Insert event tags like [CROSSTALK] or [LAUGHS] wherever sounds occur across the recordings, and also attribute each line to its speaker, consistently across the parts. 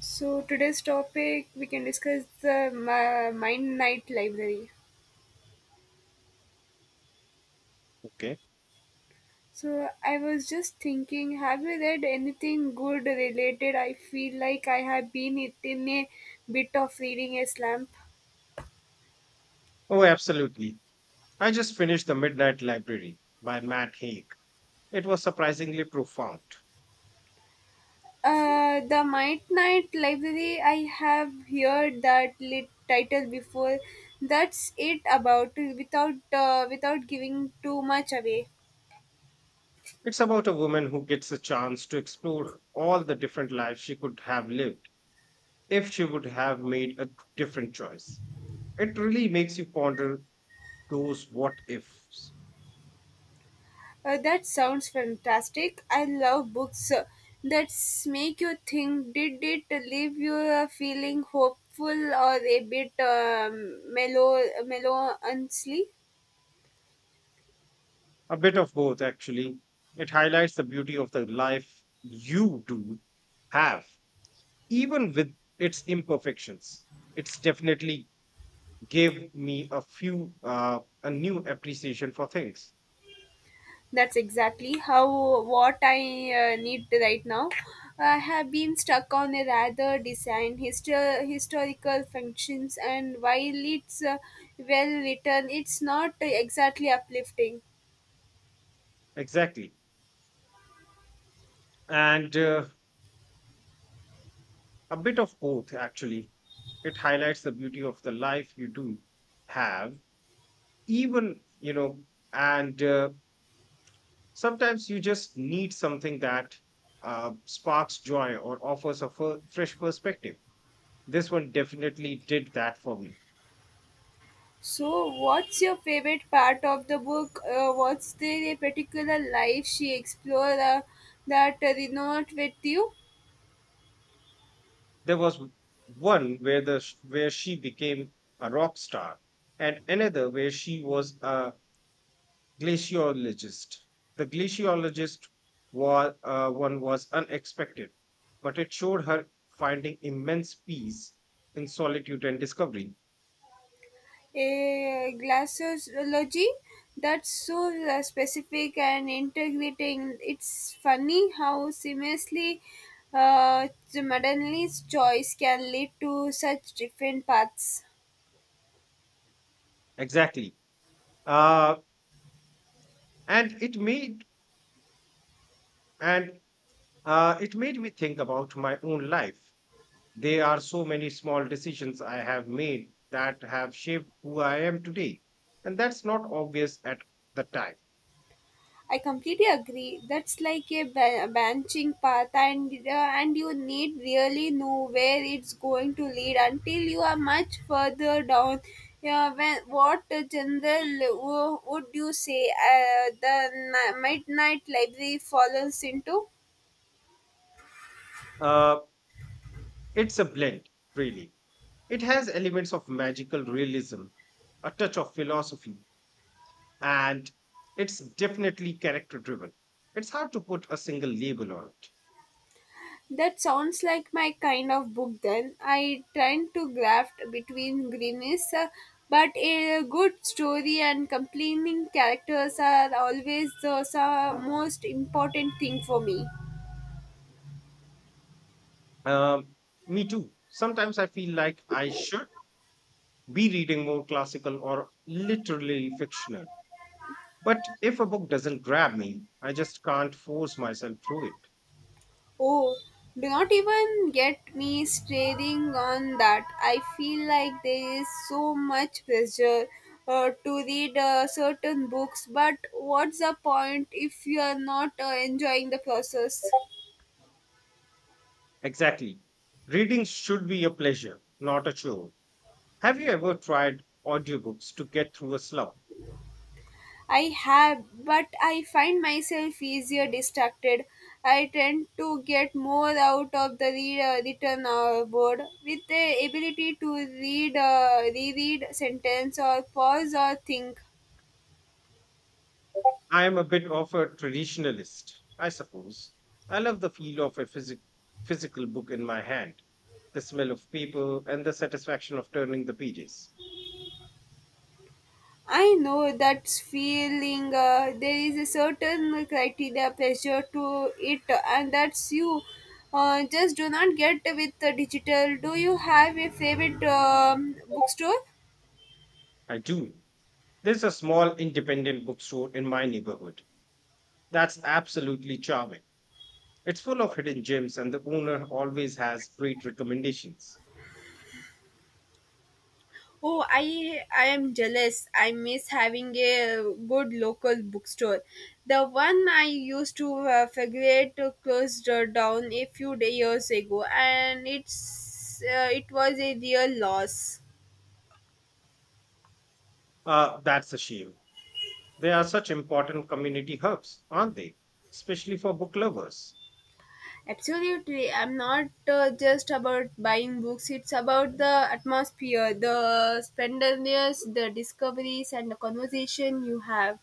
Speaker 1: So today's topic we can discuss Mind Night Library.
Speaker 2: Okay.
Speaker 1: So I was just thinking, have you read anything good related? I feel like I have been it in a bit of reading a slump.
Speaker 2: Oh, absolutely. I just finished The Midnight Library by Matt Haig. It was surprisingly profound.
Speaker 1: The Mind Night Library. I have heard that lit title before. That's it about without giving too much away.
Speaker 2: It's about a woman who gets a chance to explore all the different lives she could have lived if she would have made a different choice. It really makes you ponder those what ifs.
Speaker 1: That sounds fantastic. I love books that make you think. Did it leave you feeling hopeful or a bit melancholy?
Speaker 2: A bit of both, actually. It highlights the beauty of the life you do have, even with its imperfections. It's definitely gave me a new appreciation for things
Speaker 1: That's exactly how what I need right now. I have been stuck on a rather historical functions, and while it's well written, it's not exactly uplifting.
Speaker 2: exactly and a bit of both actually. It highlights the beauty of the life you do have, even you know and sometimes you just need something that sparks joy or offers a fresh perspective. This one definitely did that for me.
Speaker 1: So, what's your favorite part of the book? What's the particular life she explored that resonated with you?
Speaker 2: There was one where where she became a rock star, and another where she was a glaciologist. The glaciologist was one was unexpected, but it showed her finding immense peace in solitude and discovery.
Speaker 1: A glaciology that's so specific and integrating. It's funny how seamlessly uh, Madeline's choice can lead to such different paths.
Speaker 2: Exactly, uh, and and it made me think about my own life. There are so many small decisions I have made that have shaped who I am today, and that's not obvious at the time.
Speaker 1: I completely agree. That's like a branching path, and you need really know where it's going to lead until you are much further down. Yeah, what general would you say the midnight library follows into?
Speaker 2: Uh, it's a blend, really. It has elements of magical realism, a touch of philosophy, and it's definitely character driven. It's hard to put a single label on it.
Speaker 1: That sounds like my kind of book then. I tend to graft between greenness, but a good story and compelling characters are always the most important thing for me.
Speaker 2: Um, Me too. Sometimes I feel like I should be reading more classical or literally fictional. But if a book doesn't grab me, I just can't force myself through it.
Speaker 1: Oh, do not even get me staring on that. I feel like there is so much pressure to read certain books, but what's the point if you are not enjoying the process?
Speaker 2: Exactly. Reading should be a pleasure, not a chore. Have you ever tried audiobooks to get through a slump?
Speaker 1: I have, but I find myself easier distracted. I tend to get more out of the written word with the ability to reread sentence or pause or think.
Speaker 2: I am a bit of a traditionalist, I suppose. I love the feel of a physical book in my hand, the smell of paper, and the satisfaction of turning the pages.
Speaker 1: I know that feeling. There is a certain criteria pressure to it, and that's you. Just do not get with the digital. Do you have a favorite bookstore?
Speaker 2: I do. There's a small independent bookstore in my neighborhood that's absolutely charming. It's full of hidden gems, and the owner always has great recommendations.
Speaker 1: Oh, I am jealous. I miss having a good local bookstore. The one I used to frequent closed down a few years ago, and it was a real loss.
Speaker 2: That's a shame. They are such important community hubs, aren't they? Especially for book lovers.
Speaker 1: Absolutely, I'm not just about buying books. It's about the atmosphere, the splendors, the discoveries, and the conversation you have.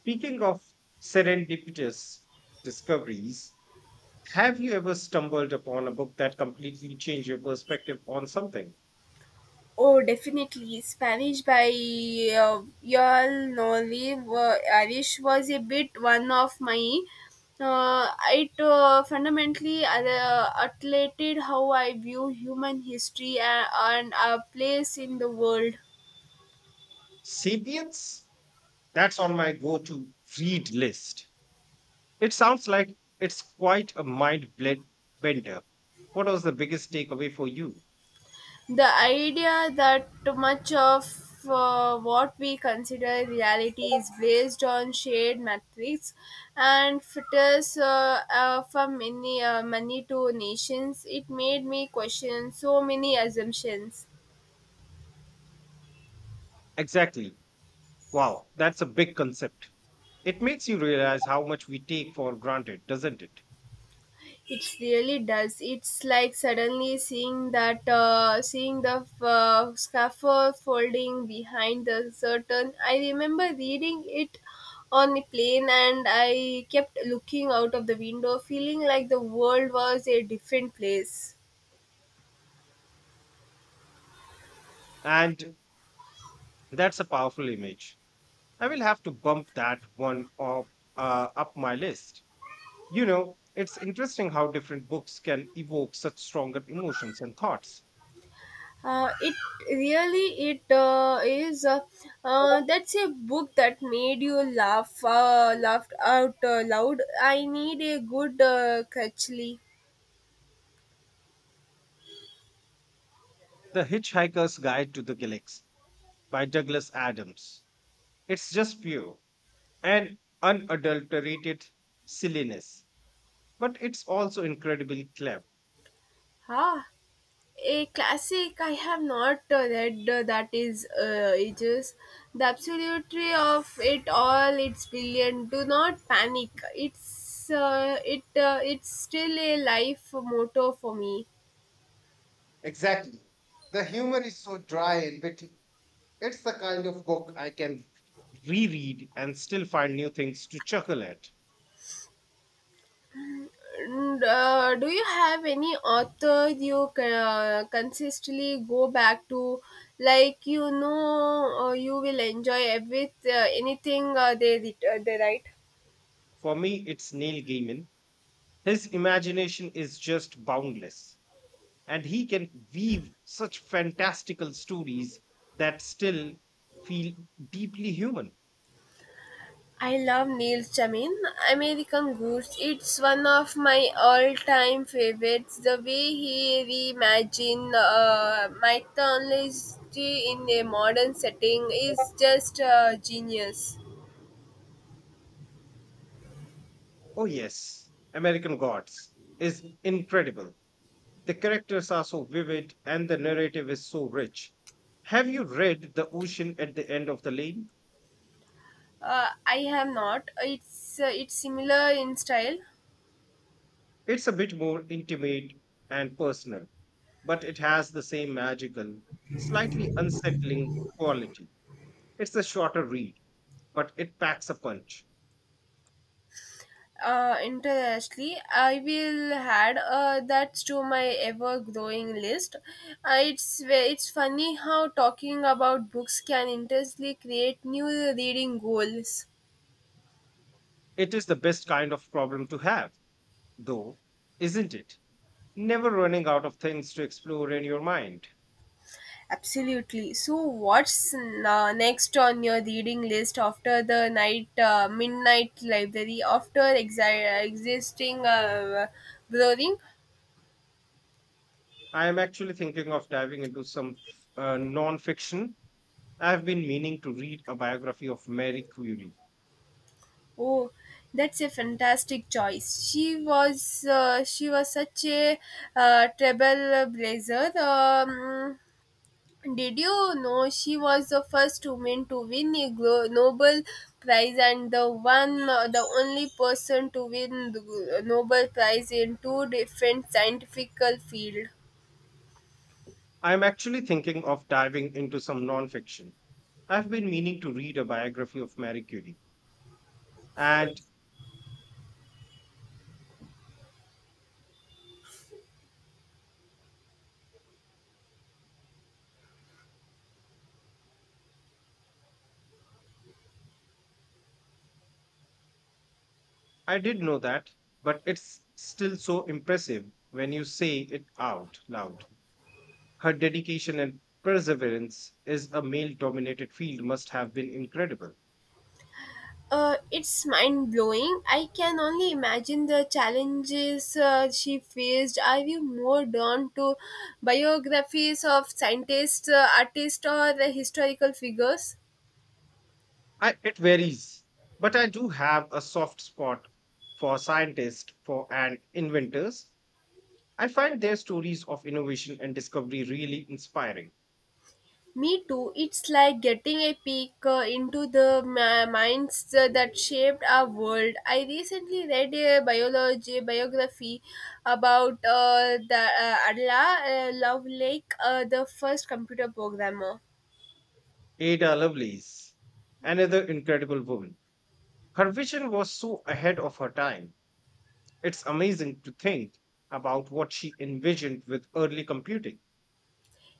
Speaker 2: Speaking of serendipitous discoveries, have you ever stumbled upon a book that completely changed your perspective on something?
Speaker 1: Oh, definitely. Spanish by Yul Irish was a bit one of my. It fundamentally atlated how I view human history and our place in the world.
Speaker 2: Sapiens? That's on my go to read list. It sounds like it's quite a bender. What was the biggest takeaway for you?
Speaker 1: The idea that too much of what we consider reality is based on shared metrics and filters from many to nations, it made me question so many assumptions.
Speaker 2: Exactly. Wow, that's a big concept. It makes you realize how much we take for granted, doesn't it?
Speaker 1: It really does. It's like suddenly seeing the scaffold folding behind the curtain. I remember reading it on the plane, and I kept looking out of the window, feeling like the world was a different place.
Speaker 2: And that's a powerful image. I will have to bump that one up, up my list. You know, it's interesting how different books can evoke such stronger emotions and thoughts.
Speaker 1: It really it is. That's a book that made you laughed out loud. I need a good Crutchley.
Speaker 2: The Hitchhiker's Guide to the Galaxy by Douglas Adams. It's just pure and unadulterated silliness, but it's also incredibly clever.
Speaker 1: Ah, a classic I have not read that is ages. The absolutely of it all, it's brilliant. Do not panic. It's still a life motto for me.
Speaker 2: Exactly. The humor is so dry and witty. It's the kind of book I can reread and still find new things to chuckle at.
Speaker 1: Do you have any author you consistently go back to, like you will enjoy every anything they writ- they write?
Speaker 2: For me, it's Neil Gaiman. His imagination is just boundless, and he can weave such fantastical stories that still feel deeply human.
Speaker 1: I love Neil Jamin, American Goose. It's one of my all-time favorites. The way he reimagined mythology in a modern setting is just genius.
Speaker 2: Oh, yes, American Gods is incredible. The characters are so vivid and the narrative is so rich. Have you read The Ocean at the End of the Lane?
Speaker 1: I have not. It's similar in style,
Speaker 2: It's a bit more intimate and personal, but it has the same magical, slightly unsettling quality. It's a shorter read, but it packs a punch.
Speaker 1: uh, internationally, I will add that to my ever-growing list. It's funny how talking about books can intensely create new reading goals.
Speaker 2: It is the best kind of problem to have, though, isn't it? Never running out of things to explore in your mind.
Speaker 1: Absolutely. So, what's next on your reading list after the night midnight library after existing brewing?
Speaker 2: I am actually thinking of diving into some non fiction. I have been meaning to read a biography of Mary Curie.
Speaker 1: Oh, that's a fantastic choice. She was such a trailblazer. Did you know she was the first woman to win a Nobel Prize and the only person to win the Nobel Prize in two different scientific fields?
Speaker 2: I am actually thinking of diving into some non fiction. I have been meaning to read a biography of Mary Curie. And I did know that, but it's still so impressive when you say it out loud. Her dedication and perseverance is a male dominated field must have been incredible.
Speaker 1: It's mind blowing. I can only imagine the challenges she faced. Are you more drawn to biographies of scientists, artists, or the historical figures?
Speaker 2: It varies, but I do have a soft spot for scientists for and inventors. I find their stories of innovation and discovery really inspiring.
Speaker 1: Me too. It's like getting a peek into the minds that shaped our world. I recently read a biology biography about the Adela Lovelace, the first computer programmer.
Speaker 2: Ada Lovelace, another incredible woman. Her vision was so ahead of her time. It's amazing to think about what she envisioned with early computing.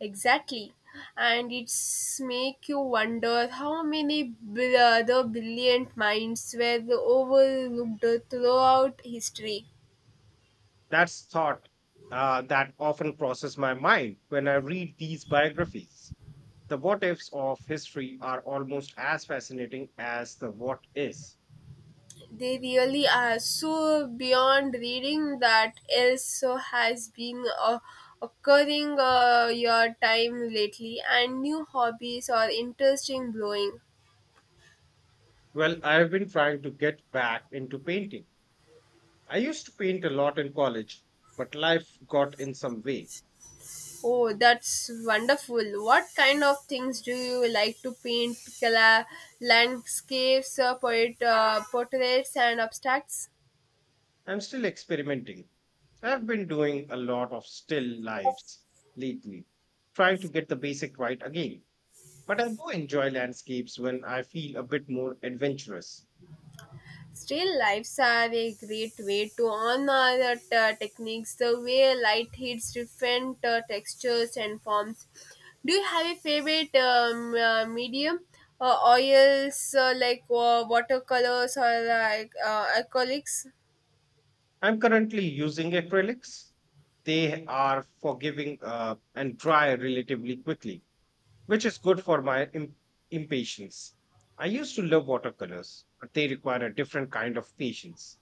Speaker 1: Exactly. And it's make you wonder how many other brilliant minds were overlooked throughout history.
Speaker 2: That's thought that often crosses my mind when I read these biographies. The what ifs of history are almost as fascinating as the what is.
Speaker 1: They really are so beyond reading that also has been occurring your time lately and new hobbies or interesting blowing.
Speaker 2: Well, I've been trying to get back into painting. I used to paint a lot in college, but life got in some way.
Speaker 1: Oh, that's wonderful. What kind of things do you like to paint? Landscapes, poet, portraits, and abstracts?
Speaker 2: I'm still experimenting. I've been doing a lot of still lives lately, trying to get the basic right again. But I do enjoy landscapes when I feel a bit more adventurous.
Speaker 1: Still lifes are a great way to honor the techniques, the way light hits different textures and forms. Do you have a favorite medium? Oils, watercolors, or acrylics?
Speaker 2: I'm currently using acrylics. They are forgiving and dry relatively quickly, which is good for my impatience. I used to love watercolors, but they require a different kind of patience.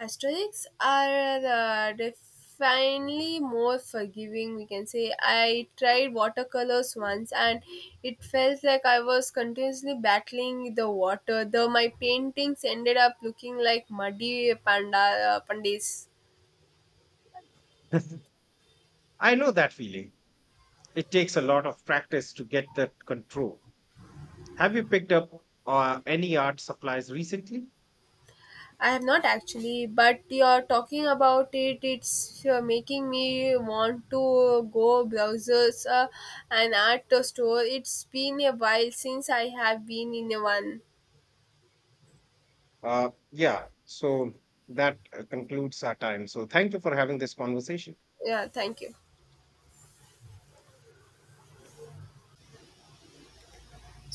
Speaker 1: Asteroids are definitely more forgiving, we can say. I tried watercolors once and it felt like I was continuously battling the water, though my paintings ended up looking like muddy pandas.
Speaker 2: [LAUGHS] I know that feeling. It takes a lot of practice to get that control. Have you picked up any art supplies recently?
Speaker 1: I have not actually, but you're talking about it. It's making me want to go browsers an art store. It's been a while since I have been in a one.
Speaker 2: Yeah, so that concludes our time. So thank you for having this conversation.
Speaker 1: Yeah, thank you.